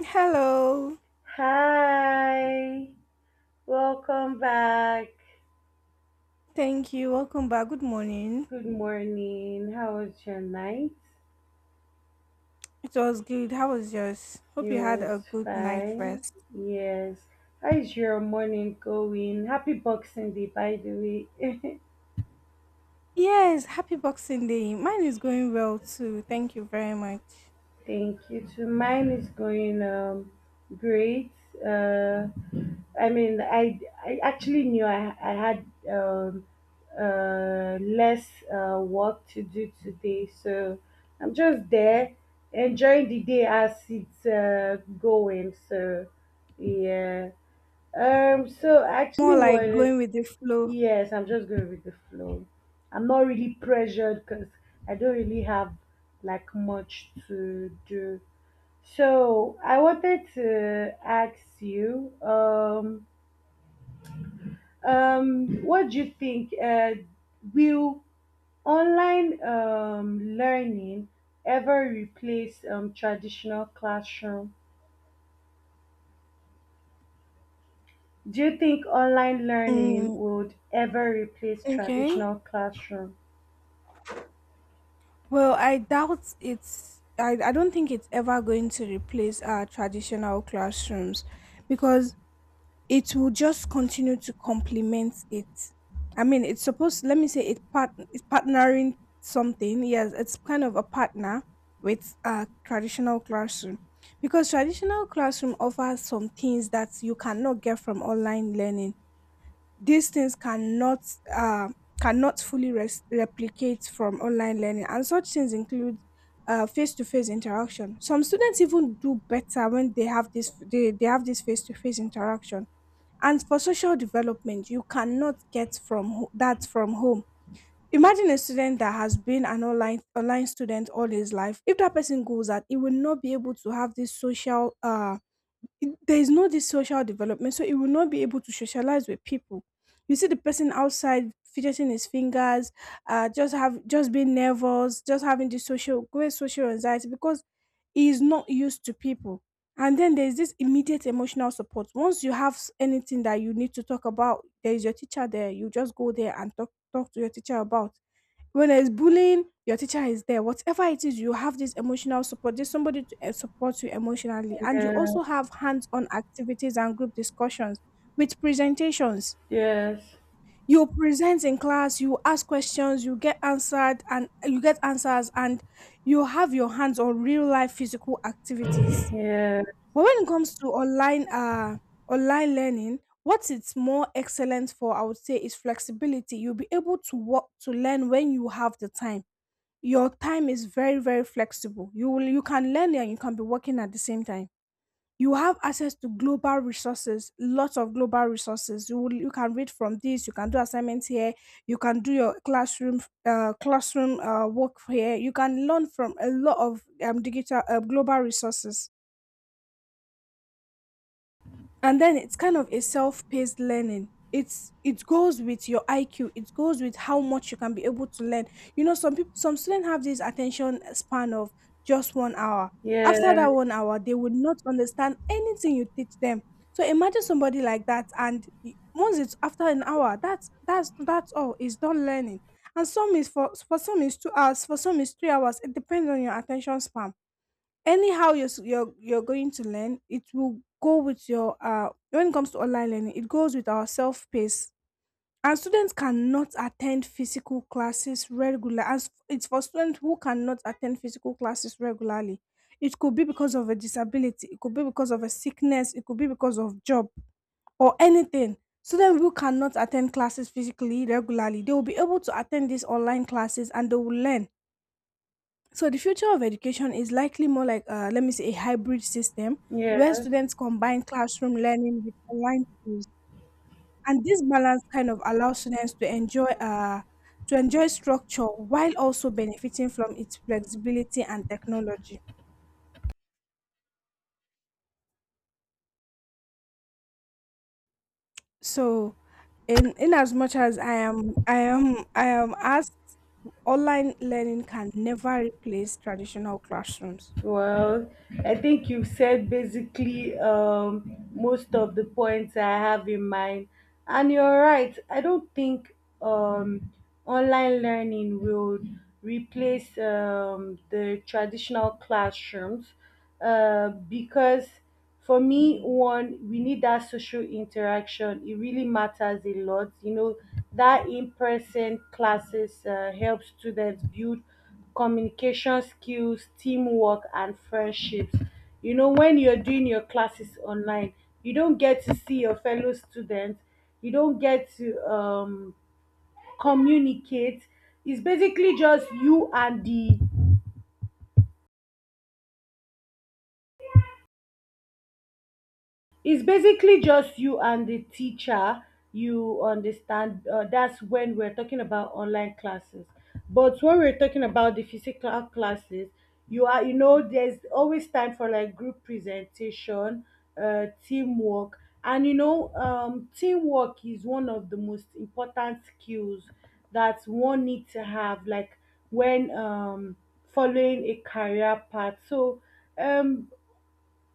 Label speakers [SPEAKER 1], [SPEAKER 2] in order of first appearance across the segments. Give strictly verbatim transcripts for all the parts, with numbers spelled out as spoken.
[SPEAKER 1] Hello.
[SPEAKER 2] Hi, welcome back.
[SPEAKER 1] Thank you. Welcome back. Good morning.
[SPEAKER 2] Good morning. How was your night?
[SPEAKER 1] It was good. How was yours? Hope
[SPEAKER 2] It
[SPEAKER 1] you had
[SPEAKER 2] was
[SPEAKER 1] a good night
[SPEAKER 2] fine.
[SPEAKER 1] rest.
[SPEAKER 2] Yes. How is your morning going? Happy Boxing Day, by the way.
[SPEAKER 1] Yes, happy Boxing Day. Mine is going well too. Thank you very much.
[SPEAKER 2] Thank you. So mine is going um, great. Uh, I mean, I, I actually knew I, I had um, uh, less uh, work to do today. So I'm just there enjoying the day as it's uh, going. So, yeah. Um, so I actually
[SPEAKER 1] More
[SPEAKER 2] what?
[SPEAKER 1] like going with the flow.
[SPEAKER 2] Yes, I'm just going with the flow. I'm not really pressured because I don't really have like much to do. So I wanted to ask you, um, um, what do you think? Uh, will online um, learning ever replace um, traditional classroom? Do you think online learning
[SPEAKER 1] Mm,
[SPEAKER 2] would ever replace
[SPEAKER 1] okay.
[SPEAKER 2] traditional classroom?
[SPEAKER 1] Well, I doubt it's I, I don't think it's ever going to replace our traditional classrooms because it will just continue to complement it. I mean, it's supposed. Let me say it part. It's partnering something. Yes, it's kind of a partner with a traditional classroom because traditional classroom offers some things that you cannot get from online learning. These things cannot uh, cannot fully res- replicate from online learning, and such things include uh, face-to-face interaction. Some students even do better when they have this they, they have this face-to-face interaction, and for social development, you cannot get from ho- that from home. Imagine a student that has been an online online student all his life. If that person goes out, he will not be able to have this social uh it- there is no this social development, so it will not be able to socialize with people. You see the person outside fidgeting his fingers, uh, just have just being nervous, just having this social great social anxiety because he is not used to people. And then there is this immediate emotional support. Once you have s- anything that you need to talk about, there is your teacher there. You just go there and talk talk to your teacher about when there's bullying, your teacher is there. Whatever it is, you have this emotional support. There's somebody to eh, support you emotionally. And you
[SPEAKER 2] Yeah.
[SPEAKER 1] also have hands on activities and group discussions with presentations.
[SPEAKER 2] Yes.
[SPEAKER 1] You present in class, you ask questions, you get answered, and eh, you get answers, and you have your hands on real life physical activities.
[SPEAKER 2] Yeah.
[SPEAKER 1] But when it comes to online uh online learning, what it's more excellent for, I would say, is flexibility. You'll be able to work to learn when you have the time. Your time is very, very flexible. You will you can learn and you can be working at the same time. You have access to global resources, lots of global resources. You will, you can read from this, you can do assignments here, you can do your classroom uh, classroom uh, work here. You can learn from a lot of um, digital uh, global resources. And then it's kind of a self-paced learning. It's it goes with your iq, it goes with how much you can be able to learn. You know, some people some students have this attention span of just one hour. After
[SPEAKER 2] Yeah.
[SPEAKER 1] that one hour, they would not understand anything you teach them. So imagine somebody like that, and y- once it's after an hour, that's that's that's all, it's done learning. And some is for for some is two hours, for some is three hours, it depends on your attention span. Anyhow you're, s- you're you're going to learn, it will go with your uh when it comes to online learning, it goes with our self pace. And students cannot attend physical classes regularly. As it's For students who cannot attend physical classes regularly, it could be because of a disability, it could be because of a sickness, it could be because of job or anything. Students who cannot attend classes physically regularly, they will be able to attend these online classes and they will learn. So the future of education is likely more like, uh, let me say, a hybrid system where
[SPEAKER 2] Yeah.
[SPEAKER 1] students combine classroom learning with online tools, and this balance kind of allows students to enjoy uh, to enjoy structure while also benefiting from its flexibility and technology. So, in in as much as I am I am I am asked, online learning can never replace traditional classrooms.
[SPEAKER 2] Well, I think you've said basically um, most of the points I have in mind. And you're right. I don't think um, online learning will replace um, the traditional classrooms uh, because for me, one, we need that social interaction. It really matters a lot. You know, that in person classes uh, help students build communication skills, teamwork, and friendships. You know, when you're doing your classes online, you don't get to see your fellow students, you don't get to um, communicate. It's basically just you and the it's basically just you and the teacher, you understand, uh, that's when we're talking about online classes. But when we're talking about the physical classes, you are, you know, there's always time for like group presentation, uh, teamwork, and you know, um, teamwork is one of the most important skills that one needs to have, like when um, following a career path. So, um,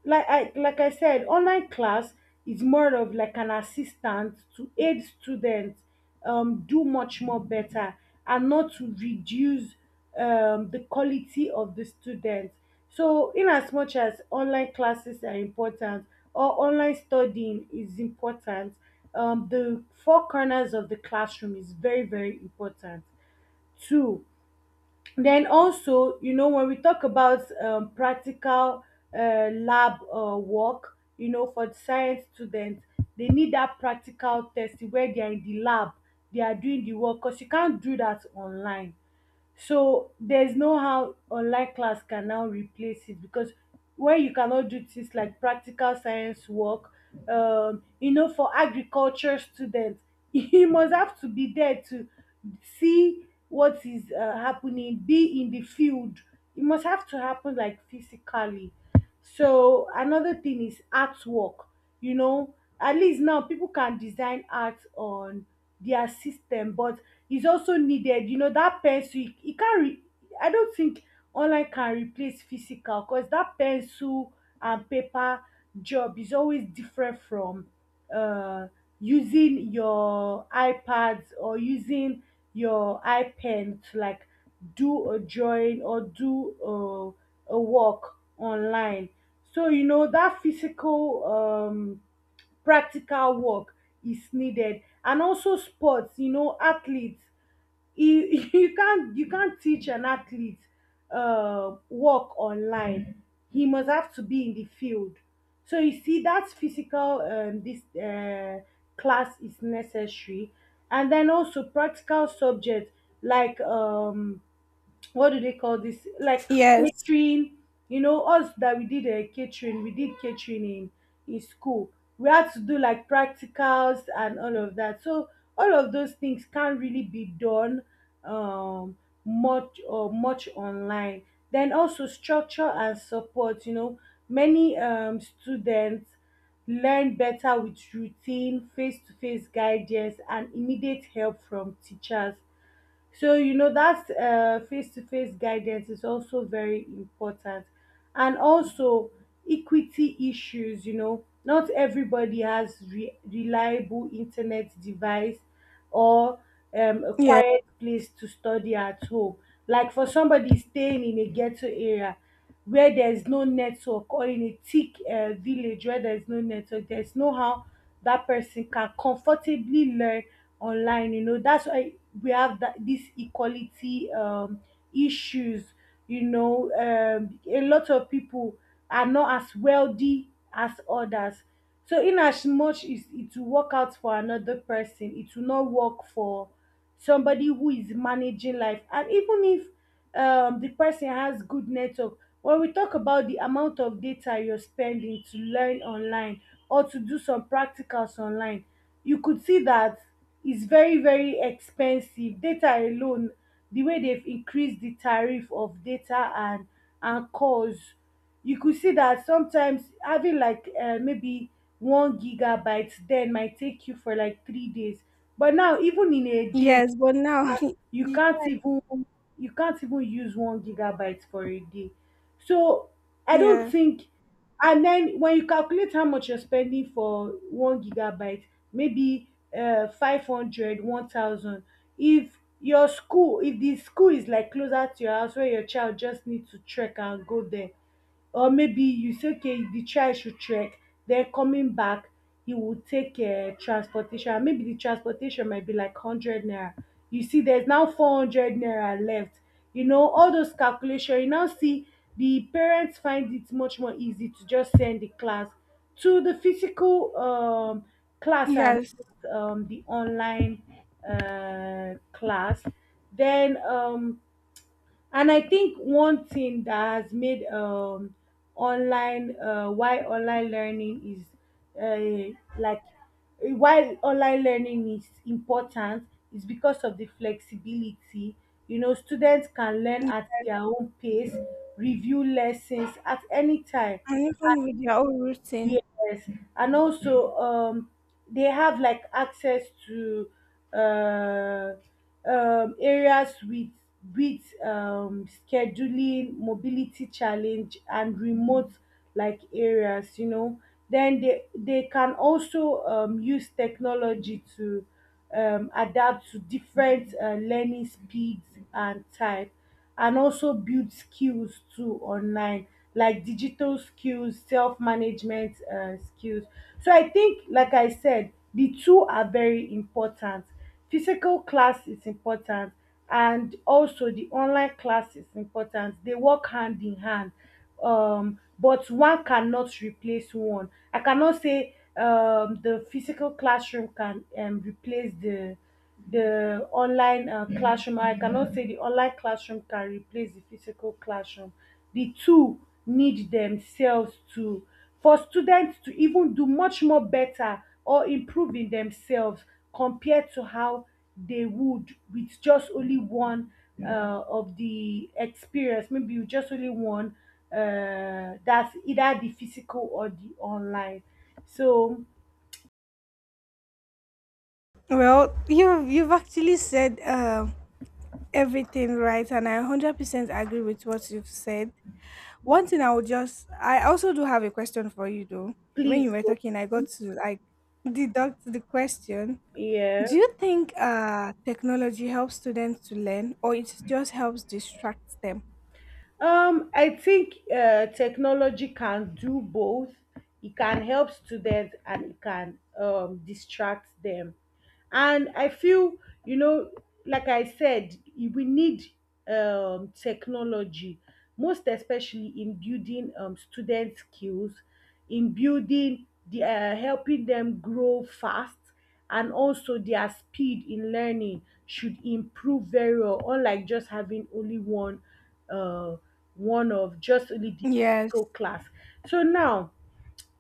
[SPEAKER 2] like I like I said, online class is more of like an assistant to aid students um, do much more better and not to reduce um, the quality of the students. So, in as much as online classes are important or online studying is important, um, the four corners of the classroom is very very important. Two, then also, you know, when we talk about um, practical uh, lab uh, work, you know, for the science students, they need that practical testing where they are in the lab, they are doing the work because you can't do that online. So there's no how online class can now replace it because where you cannot do things like practical science work, um, you know, for agriculture students, you must have to be there to see what is uh, happening, be in the field. It must have to happen like physically. So another thing is artwork. You know, at least now people can design art on their system, but is also needed. You know, that pencil, it it can't, re- I don't think online can replace physical because that pencil and paper job is always different from uh, using your iPads or using your iPen to like do a drawing or do a a work online. So, you know, that physical um, practical work is needed, and also sports, you know, athletes, you you can't you can't teach an athlete uh, work online. He must have to be in the field. So you see, that physical um, this uh, class is necessary, and then also practical subjects like, um, what do they call this, like
[SPEAKER 1] Yes.
[SPEAKER 2] catering. You know, us that we did a catering, we did catering in in school, we had to do like practicals and all of that. So all of those things can't really be done, um much or much online. Then also structure and support. You know, many um students learn better with routine face-to-face guidance and immediate help from teachers. So, you know, that uh, face-to-face guidance is also very important. And also equity issues, you know, not everybody has re- reliable internet device or um, a
[SPEAKER 1] Yeah.
[SPEAKER 2] quiet place to study at home. Like for somebody staying in a ghetto area, where there's no network, or in a thick uh, village where there's no network, there's no how that person can comfortably learn online. You know, that's why we have that this equality um, issues. You know, um, a lot of people are not as wealthy as others. So, in as much as it will work out for another person, it will not work for somebody who is managing life. And even if um, the person has good network, when we talk about the amount of data you're spending to learn online or to do some practicals online, you could see that it's very very expensive. Data alone, the way they've increased the tariff of data and and calls, you could see that sometimes having like uh, maybe one gigabyte then might take you for like three days, but now even in a day
[SPEAKER 1] Yes, but now,
[SPEAKER 2] you can't
[SPEAKER 1] yes,
[SPEAKER 2] even, you can't even use one gigabyte for a day. So I don't
[SPEAKER 1] yeah,
[SPEAKER 2] think, and then when you calculate how much you're spending for one gigabyte, maybe uh five hundred, one thousand. If your school, if the school is like closer to your house where your child just needs to trek and go there, or maybe you say okay the child should trek, then coming back he would take um transportation, and maybe the transportation might be like hundred naira. You see, there's now four hundred naira left. You know, all those calculation, you now see the parents find it much more easy to just send the class to the physical um, class and
[SPEAKER 1] yes,
[SPEAKER 2] um, the online uh, class. Then um, and I think one thing that has made um online, uh, why online learning is uh, like why online learning is important is because of the flexibility. You know, students can learn
[SPEAKER 1] y-
[SPEAKER 2] at their own pace, review lessons at any time.
[SPEAKER 1] and even with your own routine.
[SPEAKER 2] Yes, and also um, they have like access to uh, um, areas with with um, scheduling, mobility challenge, and remote like areas. You know, then they they can also um, use technology to um, adapt to different uh, learning speeds and type, and also build skills too online, like digital skills, self-management uh, skills. So I think, like I said, the two are very important. Physical class is important, and also the online class is important. They work hand in hand. Um, but one cannot replace one. I cannot say, um, the physical classroom can, um, replace the the online uh, classroom. I cannot say the online classroom can replace the physical classroom. The two need themselves to, for students to even do much more better or improve in themselves compared to how they would with just only one uh, of the experience, maybe you just only one, uh, that's either the physical or the online. So
[SPEAKER 1] Well, you've you've actually said um everything right, and I hundred percent agree with what you've said. One thing I would just, I also do have a question for you though. When you
[SPEAKER 2] please
[SPEAKER 1] were
[SPEAKER 2] go.
[SPEAKER 1] talking, I got to like deduct the question.
[SPEAKER 2] Yeah.
[SPEAKER 1] Do you think uh technology helps students to learn, or it just helps distract them?
[SPEAKER 2] Um, I think uh, technology can do both. It can help students and it can um, distract them. And I feel, you know, like I said, we need um, technology, most especially in building um, student skills, in building the uh, helping them grow fast, and also their speed in learning should improve very well, unlike just having only one, uh one of just only the
[SPEAKER 1] Yes,
[SPEAKER 2] physical class. So now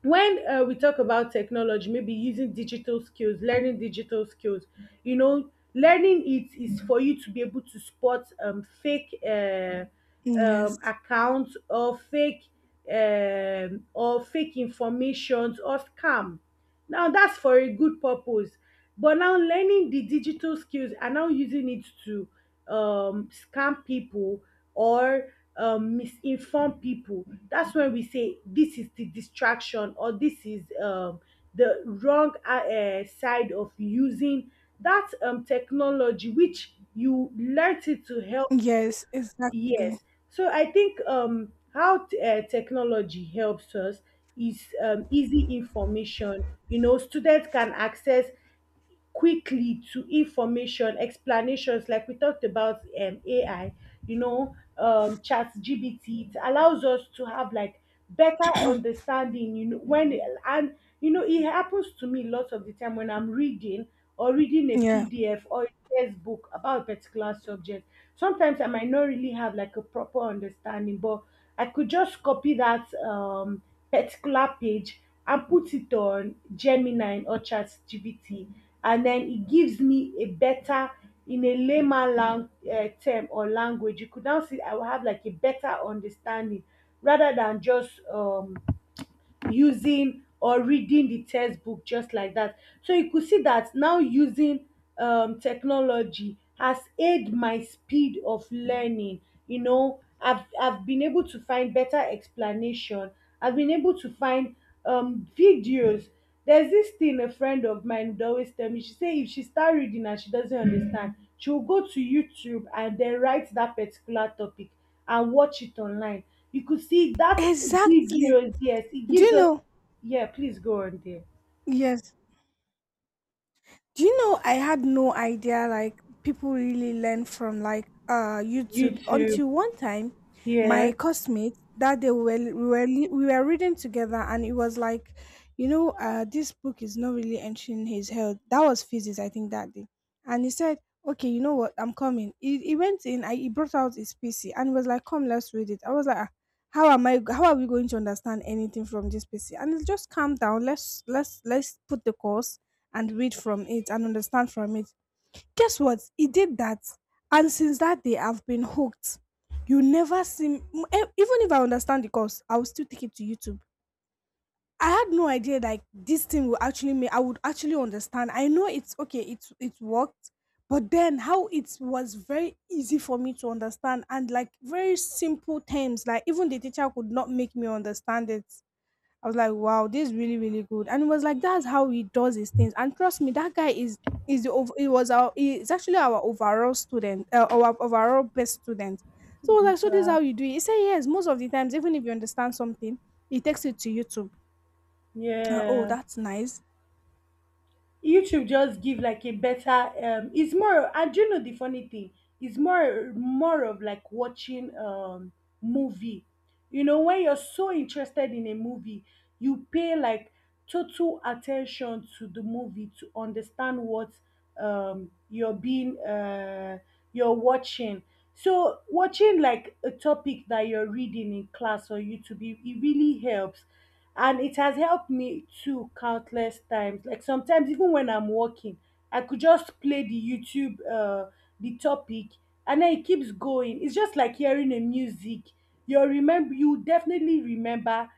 [SPEAKER 2] when, uh, we talk about technology, maybe using digital skills, learning digital skills, you know, learning it is for you to be able to spot um fake, uh, um
[SPEAKER 1] yes,
[SPEAKER 2] accounts, or fake, um or fake informations or scam. Now that's for a good purpose. But now learning the digital skills and now using it to um, scam people or um, misinform people. That's when we say this is the distraction, or this is um, the wrong uh, uh, side of using that um, technology, which you learnt it to help you.
[SPEAKER 1] yes,
[SPEAKER 2] Yes.
[SPEAKER 1] exactly.
[SPEAKER 2] So I think um, how t- uh, technology helps us is um, easy information. You know, students can access quickly to information, explanations, like we talked about, um, A I, you know, um chat G B T it allows us to have like better understanding, you know, when, and you know, it happens to me lots of the time when I'm reading or reading a
[SPEAKER 1] Yeah.
[SPEAKER 2] P D F or a textbook about a particular subject, sometimes I might not really have like a proper understanding, but I could just copy that um particular page and put it on Gemini or ChatGPT, and then it gives me a better, in a layman lang- uh, term or language, you could now see I will have like a better understanding rather than just um using or reading the textbook just like that. So you could see that now using um, technology has aided my speed of learning. You know, I've, I've been able to find better explanation. I've been able to find um, videos. There's this thing a friend of mine would always tell me. She say if she start reading and she doesn't understand, she will go to YouTube and then write that particular topic and watch it online. You could see that
[SPEAKER 1] Exactly.
[SPEAKER 2] videos. Yes, it
[SPEAKER 1] Do
[SPEAKER 2] gives
[SPEAKER 1] you
[SPEAKER 2] us.
[SPEAKER 1] know?
[SPEAKER 2] Yeah, please go on there.
[SPEAKER 1] Yes. Do you know I had no idea like people really learn from like uh YouTube
[SPEAKER 2] YouTube.
[SPEAKER 1] until one time
[SPEAKER 2] Yeah,
[SPEAKER 1] my classmate that day we were we were, li- we were reading together, and it was like, you know, uh, this book is not really entering his health. That was physics I think that day. And he said, okay, you know what, I'm coming. He, he, went in. I, he brought out his P C and was like, come let's read it. I was like, "Ah, how am I go- how are we going to understand anything from this P C?" And it's just calm down, let's let's let's put the course and read from it and understand from it. Guess what? He did that. And since that day, I've been hooked. You never see, m- e- even if I understand the course, I will still take it to YouTube. I had no idea like this thing will actually make, I would actually understand. I know it's okay, it's it worked, but then how it was very easy for me to understand, and like very simple terms, like even the teacher could not make me understand it. I was like, wow, this is really, really good. And it was like, that's how he does his things. And trust me, that guy is is the ov- he was our he's actually our overall student, uh, our overall best student. So I was like, so this is how you do it. He said, yes, most of the times, even if you understand something, he takes it to YouTube. Uh, oh,
[SPEAKER 2] yeah.
[SPEAKER 1] that's nice.
[SPEAKER 2] YouTube just give like a better um it's more, and you know the funny thing, it's more more of like watching um movie. You know, when you're so interested in a movie, you pay like total attention to the movie to understand what um, you're being uh, you're watching. So watching like a topic that you're reading in class or YouTube, it, it really helps, and it has helped me too countless times. Like sometimes even when I'm working, I could just play the YouTube uh, the topic, and then it keeps going. It's just like hearing a music. You remember, you definitely remember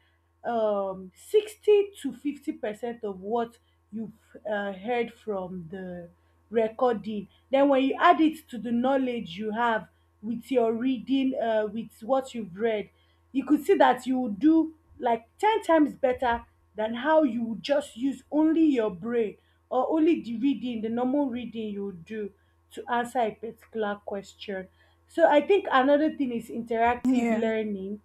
[SPEAKER 2] um, sixty to fifty percent of what you've uh, heard from the recording. Then, when you add it to the knowledge you have with your reading, uh, with what you've read, you could see that you would do like ten times better than how you would just use only your brain, or only the reading, the normal reading you would do to answer a particular question. So, I think another thing is interactive
[SPEAKER 1] Yeah,
[SPEAKER 2] learning.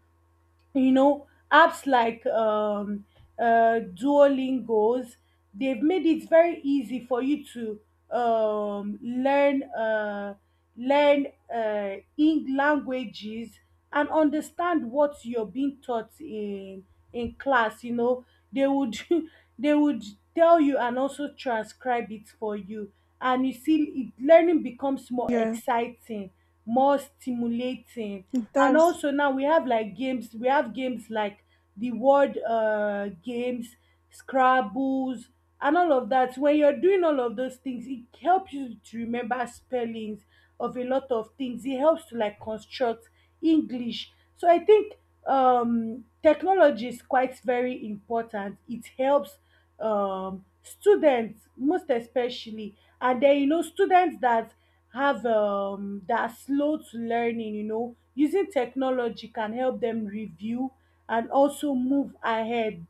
[SPEAKER 2] You know, apps like um uh duolingos, they've made it very easy for you to um learn, uh learn uh in languages, and understand what you're being taught in in class. You know, they would they would tell you and also transcribe it for you, and you see it, learning becomes more
[SPEAKER 1] yeah,
[SPEAKER 2] exciting, more stimulating.
[SPEAKER 1] it
[SPEAKER 2] And
[SPEAKER 1] does.
[SPEAKER 2] also now we have like games. We have games like the word uh games, scrabbles, and all of that. When you're doing all of those things, it helps you to remember spellings of a lot of things. It helps to like construct english. So I think um technology is quite very important. It helps um students most especially, and then you know students that have um that are slow to learning, you know, using technology can help them review and also move ahead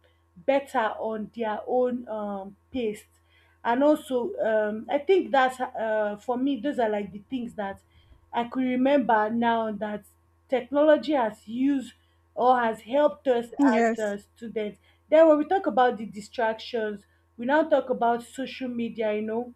[SPEAKER 2] better on their own um pace. And also um I think that's uh, for me those are like the things that I could remember now that technology has used or has helped us as uh,
[SPEAKER 1] Yes,
[SPEAKER 2] students. Then when we talk about the distractions, we now talk about social media. You know,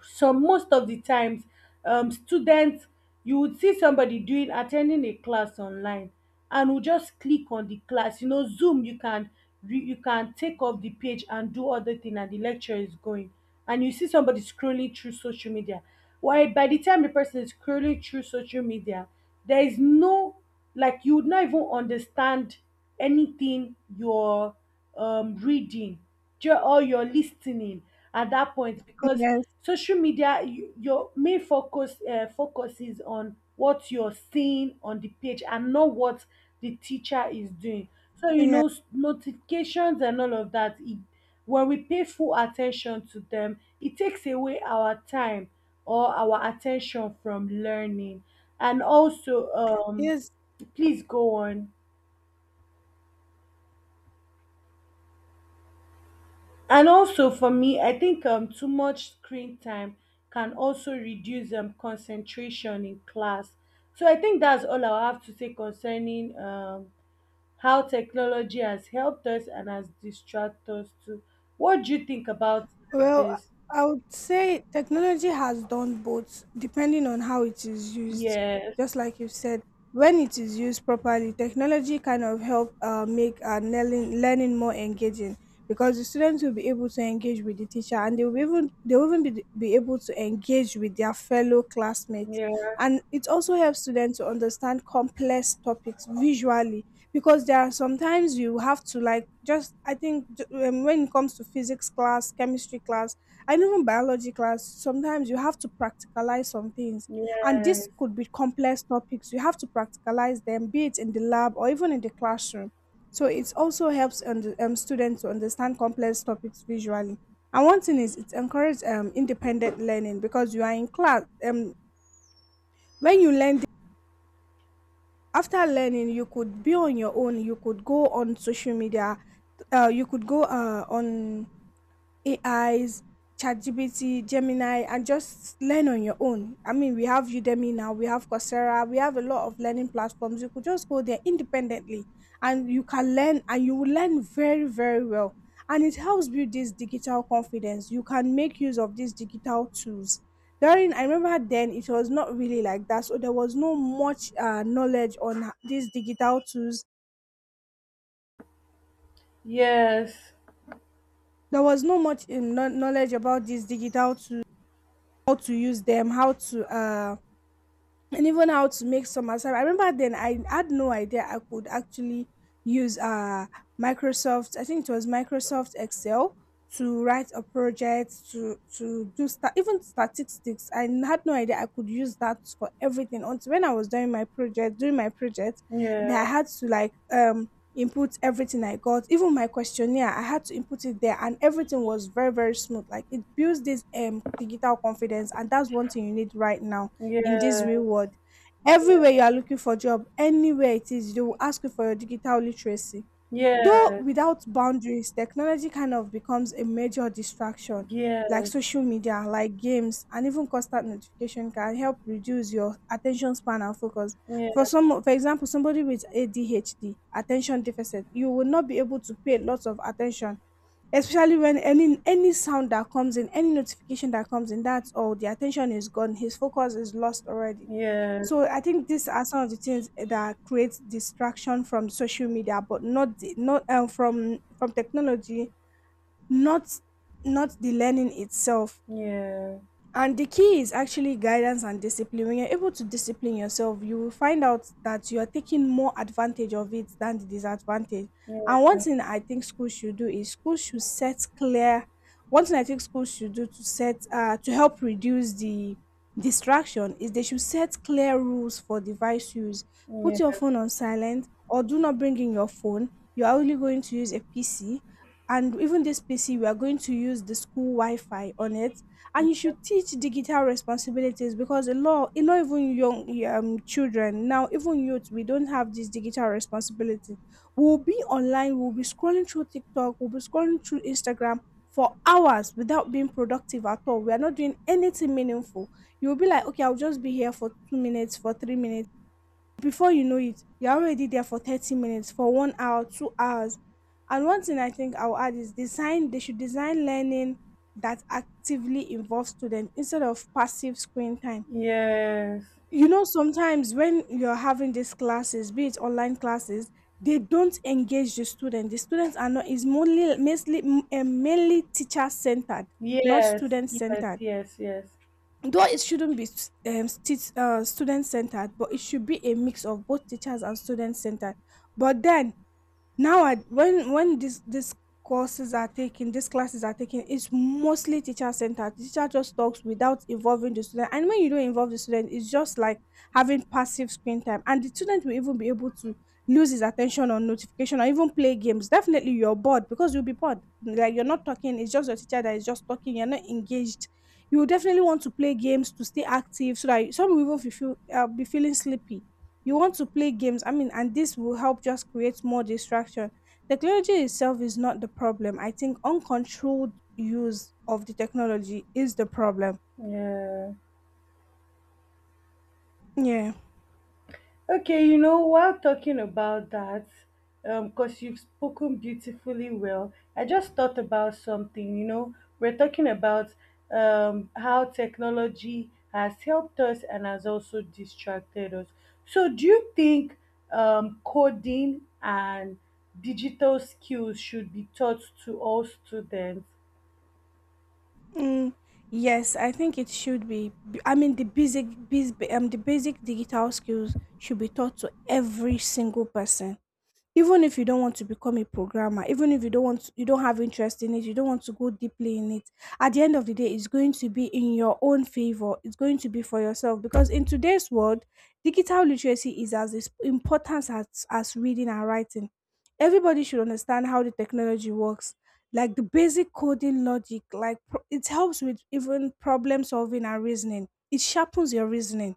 [SPEAKER 2] so most of the times um, students, you would see somebody doing attending a class online and will just click on the class, you know, zoom. You can re- you can take off the page and do other thing and the lecture is going, and you see somebody scrolling through social media. Why, by the time the person is scrolling through social media, there is no, like you would not even understand anything you're um, reading, ju- or you're listening at that point, because
[SPEAKER 1] yes,
[SPEAKER 2] social media, you, your main focus uh, focus is on what you're seeing on the page and not what the teacher is doing. So you
[SPEAKER 1] yes.
[SPEAKER 2] know, s- notifications and all of that, it, when we pay full attention to them, it takes away our time or our attention from learning. And also um
[SPEAKER 1] Yes.
[SPEAKER 2] please go on. And also for me I think um too much screen time can also reduce um concentration in class. So I think that's all I have to say concerning um how technology has helped us and has distracted us too. What do you think about
[SPEAKER 1] Well,
[SPEAKER 2] this?
[SPEAKER 1] I would say technology has done both, depending on how it is used.
[SPEAKER 2] Yes.
[SPEAKER 1] Just like you said, when it is used properly, technology kind of help uh, make uh, learning, learning more engaging because the students will be able to engage with the teacher, and they will even they will even be, be able to engage with their fellow classmates.
[SPEAKER 2] Yeah.
[SPEAKER 1] And it also helps students to understand complex topics visually because there are sometimes you have to like just I think j- um, when it comes to physics class, chemistry class, and even biology class, sometimes you have to practicalize some things, and this
[SPEAKER 2] Yes,
[SPEAKER 1] could be complex topics. You have to practicalize them, be it in the lab or even in the classroom. So it also helps und- um, students to understand complex topics visually. And one thing is, it encourages um, independent learning because you are in class um, When you learn, after learning, you could be on your own. You could go on social media, uh, you could go uh, on A Is, ChatGPT, Gemini, and just learn on your own. I mean, we have Udemy now, we have Coursera, we have a lot of learning platforms. You could just go there independently, and you can learn, and you will learn very, very well. And it helps build this digital confidence. You can make use of these digital tools. During, I remember then it was not really like that. So there was no much uh, knowledge on h- these digital tools.
[SPEAKER 2] yes.
[SPEAKER 1] There was no much um, kno- knowledge about these digital tools, how to use them, how to uh, and even how to make some assignment. I remember then I had no idea I could actually use uh Microsoft, I think it was Microsoft Excel, to write a project to to do sta- even statistics. I had no idea I could use that for everything, until when I was doing my project, doing my project,
[SPEAKER 2] Yeah.
[SPEAKER 1] that I had to like um input everything I got, even my questionnaire, I had to input it there, and everything was very, very smooth. Like it builds this um digital confidence, and that's one thing you need right now in this
[SPEAKER 2] Yes.
[SPEAKER 1] real world. Everywhere you are looking for job, anywhere it is, they will ask you for your digital literacy.
[SPEAKER 2] Yes.
[SPEAKER 1] Though
[SPEAKER 2] Yes.
[SPEAKER 1] without boundaries, technology kind of becomes a major distraction, like
[SPEAKER 2] Yes.
[SPEAKER 1] social media, like games, and even constant notification can help reduce your attention span and focus. For
[SPEAKER 2] Yes.
[SPEAKER 1] some, for example, somebody with A D H D, attention deficit, you will not be able to pay lots of attention, especially when any any sound that comes in, any notification that comes in, that's all, the attention is gone, his focus is lost already.
[SPEAKER 2] Yes.
[SPEAKER 1] So
[SPEAKER 2] Yeah.
[SPEAKER 1] I think these are some of the things that create distraction from social media, but not the, not um, from from technology, not not the learning itself. And the key is actually guidance and discipline. When you're able to discipline yourself, you will find out that you are taking more advantage of it than the disadvantage.
[SPEAKER 2] Yeah.
[SPEAKER 1] And one thing I think schools should do is schools should set clear. One thing I think schools should do to set uh, to help reduce the distraction is they should set clear rules for device use.
[SPEAKER 2] Yeah.
[SPEAKER 1] Put your phone on silent or do not bring in your phone. You are only going to use a P C, and even this P C, we are going to use the school Wi-Fi on it, and you should teach digital responsibilities because a lot a lot even young um, children now, even youth, we don't have this digital responsibility. We'll be online, we'll be scrolling through tiktok, we'll be scrolling through instagram for hours without being productive at all. We are not doing anything meaningful. You'll be like, okay, I'll just be here for two minutes, for three minutes. Before you know it, you're already there for thirty minutes, for one hour, two hours. And one thing I think I'll add is design, they should design learning that actively involves students instead of passive screen time.
[SPEAKER 2] Yes,
[SPEAKER 1] You know, sometimes when you're having these classes, be it online classes, they don't engage the student. The students are not, is mainly, mostly, um, mainly teacher centered, not
[SPEAKER 2] yes,
[SPEAKER 1] student
[SPEAKER 2] yes,
[SPEAKER 1] centered.
[SPEAKER 2] yes, yes.
[SPEAKER 1] Though it shouldn't be um, sti- uh, student centered, but it should be a mix of both teachers and student centered. But then now I, when when this this courses are taken, these classes are taken, it's mostly teacher centered. Teacher just talks without involving the student, and when you don't involve the student it's just like having passive screen time, and the student will even be able to lose his attention on notification or even play games. Definitely you're bored, because you'll be bored, like you're not talking, it's just your teacher that is just talking, you're not engaged. You will definitely want to play games to stay active, so that some will even be feel, uh, be feeling sleepy. You want to play games, i mean and this will help just create more distraction. Technology itself is not the problem. I think uncontrolled use of the technology is the problem.
[SPEAKER 2] Yeah.
[SPEAKER 1] Yeah.
[SPEAKER 2] Okay, you know, while talking about that, um, because you've spoken beautifully well, I just thought about something. You know, we're talking about um, how technology has helped us and has also distracted us. So, do you think um, coding and digital skills should be taught to all students?
[SPEAKER 1] Mm. Yes, I think it should be B- i mean the basic bas- um the basic digital skills should be taught to every single person. Even if you don't want to become a programmer, even if you don't want you don't have interest in it, you don't want to go deeply in it, at the end of the day it's going to be in your own favor, it's going to be for yourself, because in today's world digital literacy is as is- important as as reading and writing. Everybody should understand how the technology works, like the basic coding logic. Like pro- it helps with even problem solving and reasoning. It sharpens your reasoning,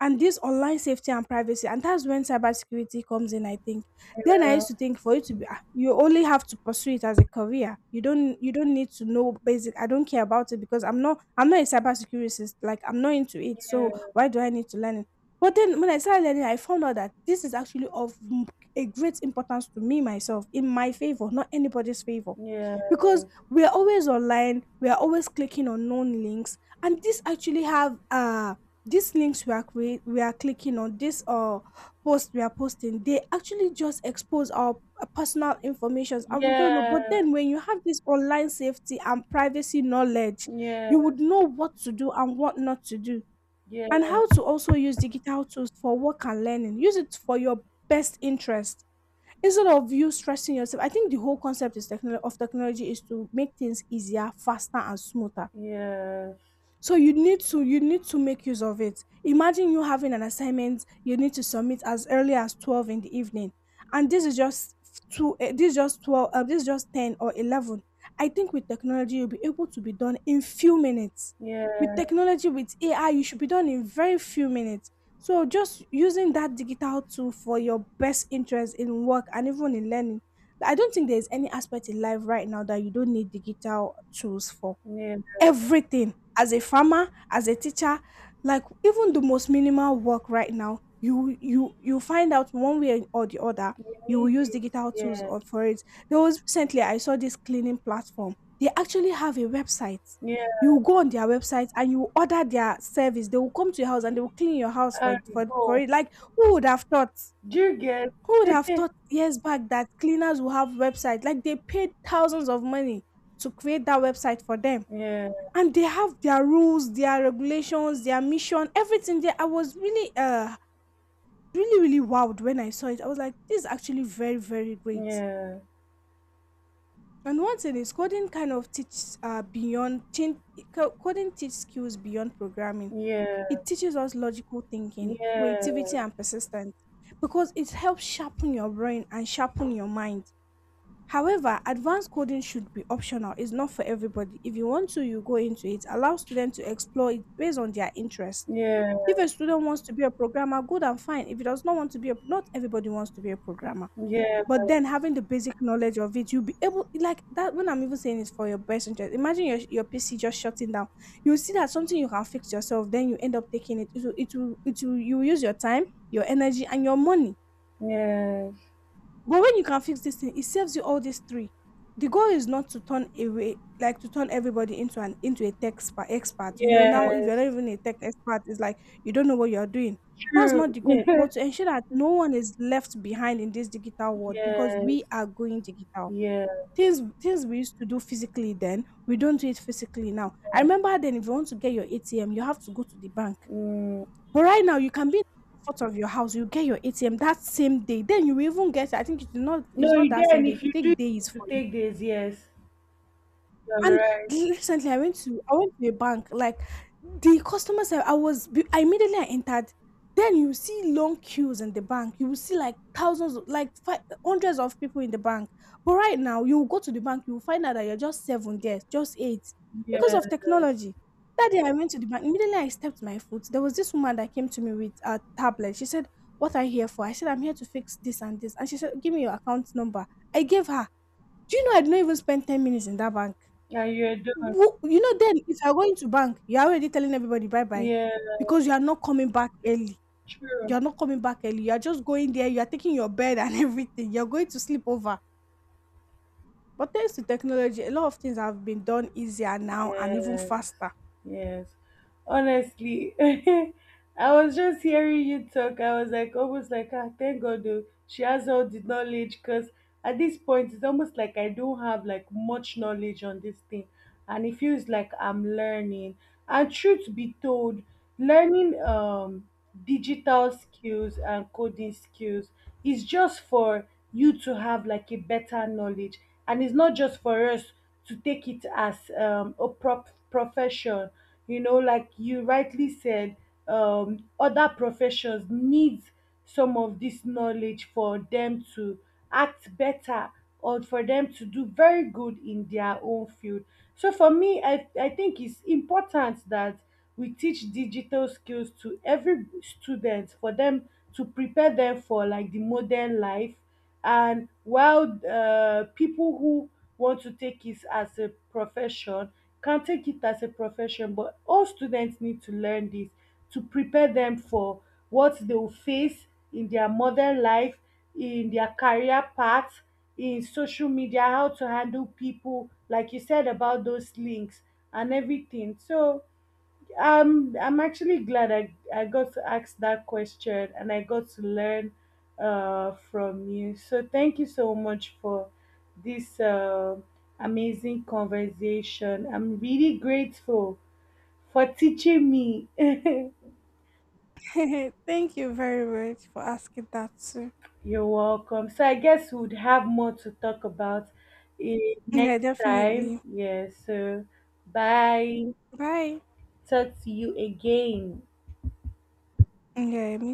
[SPEAKER 1] and this online safety and privacy, and that's when cybersecurity comes in, I think. Then I
[SPEAKER 2] Yeah,
[SPEAKER 1] used to think for you to be ah, you only have to pursue it as a career. You don't you don't need to know basic. I don't care about it because i'm not I'm not a cybersecurity, like I'm not into it,
[SPEAKER 2] yeah,
[SPEAKER 1] so why do I need to learn it? But then when I started learning I found out that this is actually of m- a great importance to me, myself, in my favor, not anybody's favor.
[SPEAKER 2] yeah,
[SPEAKER 1] Because we are always online, we are always clicking on known links, and this actually have uh these links we are cre- we are clicking on, this uh post we are posting, they actually just expose our uh, personal informations and we don't know.
[SPEAKER 2] yeah.
[SPEAKER 1] But then when you have this online safety and privacy knowledge,
[SPEAKER 2] Yeah,
[SPEAKER 1] you would know what to do and what not to do,
[SPEAKER 2] yeah,
[SPEAKER 1] and how to also use digital tools for work and learning, use it for your best interest instead of you stressing yourself. I think the whole concept is technology of technology is to make things easier, faster and smoother.
[SPEAKER 2] yes,
[SPEAKER 1] So you need to you need to make use of it. Imagine you having an assignment you need to submit as early as twelve in the evening. And this is just two eh, this is just twelve uh, this is just ten or eleven. I think with technology you'll be able to be done in few minutes. With
[SPEAKER 2] yeah,
[SPEAKER 1] technology, with A I, you should be done in very few minutes. So just using that digital tool for your best interest in work and even in learning. I don't think there's any aspect in life right now that you don't need digital tools for.
[SPEAKER 2] yeah.
[SPEAKER 1] Everything, as a farmer, as a teacher, like even the most minimal work right now, you you you find out one way or the other,
[SPEAKER 2] You
[SPEAKER 1] you will
[SPEAKER 2] need
[SPEAKER 1] use
[SPEAKER 2] it,
[SPEAKER 1] digital tools
[SPEAKER 2] yeah,
[SPEAKER 1] on for it. There was recently I saw this cleaning platform, they actually have a website.
[SPEAKER 2] yeah.
[SPEAKER 1] You go on their website and you order their service, they will come to your house and they will clean your house
[SPEAKER 2] I
[SPEAKER 1] for for, for
[SPEAKER 2] go.
[SPEAKER 1] it. Like, who would have thought?
[SPEAKER 2] Do you get?
[SPEAKER 1] Who would have thought years back that cleaners will have websites? Like, they paid thousands of money to create that website for them,
[SPEAKER 2] Yeah,
[SPEAKER 1] and they have their rules, their regulations, their mission, everything there. I was really, uh, really, really wowed when I saw it. I was like, this is actually very, very great.
[SPEAKER 2] yeah,
[SPEAKER 1] And one thing is, coding kind of teaches uh, beyond chin- co- coding teaches skills beyond programming.
[SPEAKER 2] yeah,
[SPEAKER 1] It teaches us logical thinking,
[SPEAKER 2] yeah,
[SPEAKER 1] creativity, and persistence, because it helps sharpen your brain and sharpen your mind. However, advanced coding should be optional. It's not for everybody. If you want to, you go into it. Allow students to explore it based on their interest. If a student wants to be a programmer, good and fine. If he does not want to be a, not everybody wants to be a programmer.
[SPEAKER 2] yeah,
[SPEAKER 1] But then having the basic knowledge of it, you'll be able, like, that. When I'm even saying, it's for your best interest. Imagine your your P C just shutting down. You see that something you can fix yourself, then you end up taking it. It will, it will, it will, you will use your time, your energy, and your money,
[SPEAKER 2] yeah, yes,
[SPEAKER 1] but when you can fix this thing, it saves you all these three. The goal is not to turn away, like to turn everybody into an into a tech spa, expert. You know, now if you're
[SPEAKER 2] yes.
[SPEAKER 1] not even a tech expert, it's like you don't know what you're doing. That's not
[SPEAKER 2] True.
[SPEAKER 1] the goal, but to ensure that no one is left behind in this digital world, because we
[SPEAKER 2] Yes,
[SPEAKER 1] are going digital.
[SPEAKER 2] yeah.
[SPEAKER 1] Things things we used to do physically then, we don't do it physically now. I remember, then if you want to get your A T M, you have to go to the bank,
[SPEAKER 2] Mm.
[SPEAKER 1] but right now, you can be in the comfort of your house. You get your A T M that same day. Then you even get. I think it's not. It's
[SPEAKER 2] No,
[SPEAKER 1] not
[SPEAKER 2] you
[SPEAKER 1] that
[SPEAKER 2] then
[SPEAKER 1] same day. It
[SPEAKER 2] if
[SPEAKER 1] will
[SPEAKER 2] you do
[SPEAKER 1] take days
[SPEAKER 2] to
[SPEAKER 1] for,
[SPEAKER 2] take this, yes, you're
[SPEAKER 1] and
[SPEAKER 2] right.
[SPEAKER 1] recently, I went to I went to a bank. Like, the customer service, I was be- I immediately I entered. Then you see long queues in the bank. You will see like thousands, of- like fi- hundreds of people in the bank. But right now, you will go to the bank, you will find out that you're just seven there, just eight, because
[SPEAKER 2] Yes,
[SPEAKER 1] of technology. That day I went to the bank, immediately I stepped my foot, there was this woman that came to me with a tablet. She said, "What are you here for?" I said, "I'm here to fix this and this." And she said, "Give me your account number." I gave her. Do you know I did not even spend ten minutes in that bank?
[SPEAKER 2] and you're done.
[SPEAKER 1] Wo- you know, then if you're going to bank you're already telling everybody bye bye,
[SPEAKER 2] Yeah,
[SPEAKER 1] because you are not coming back early.
[SPEAKER 2] true.
[SPEAKER 1] You're not coming back early You're just going there, you're taking your bed and everything, you're going to sleep over. But thanks to technology, a lot of things have been done easier now and even
[SPEAKER 2] Yes,
[SPEAKER 1] faster.
[SPEAKER 2] yes. Honestly, I was just hearing you talk. I was like, almost like, ah, thank God, though. She has all the knowledge because at this point, it's almost like I don't have like much knowledge on this thing, and it feels like I'm learning. And truth be told, learning um digital skills and coding skills is just for you to have like a better knowledge, and it's not just for us to take it as um, a prop profession. You know, like you rightly said, um, other professions need some of this knowledge for them to act better or for them to do very good in their own field. So for me i, I think it's important that we teach digital skills to every student, for them to prepare them for like the modern life. And while uh, people who want to take it as a profession can take it as a profession, but all students need to learn this to prepare them for what they will face in their modern life, in their career path, in social media, how to handle people like you said about those links and everything. So um, I'm actually glad I, I got to ask that question and I got to learn uh, from you. So thank you so much for this uh, amazing conversation. I'm really grateful for teaching me.
[SPEAKER 1] Thank you very much for asking that too.
[SPEAKER 2] You're welcome. So I guess we would have more to talk about eh,
[SPEAKER 1] Yeah,
[SPEAKER 2] next
[SPEAKER 1] definitely.
[SPEAKER 2] time. Yeah, so bye.
[SPEAKER 1] Bye.
[SPEAKER 2] Talk to you again.
[SPEAKER 1] Yeah, me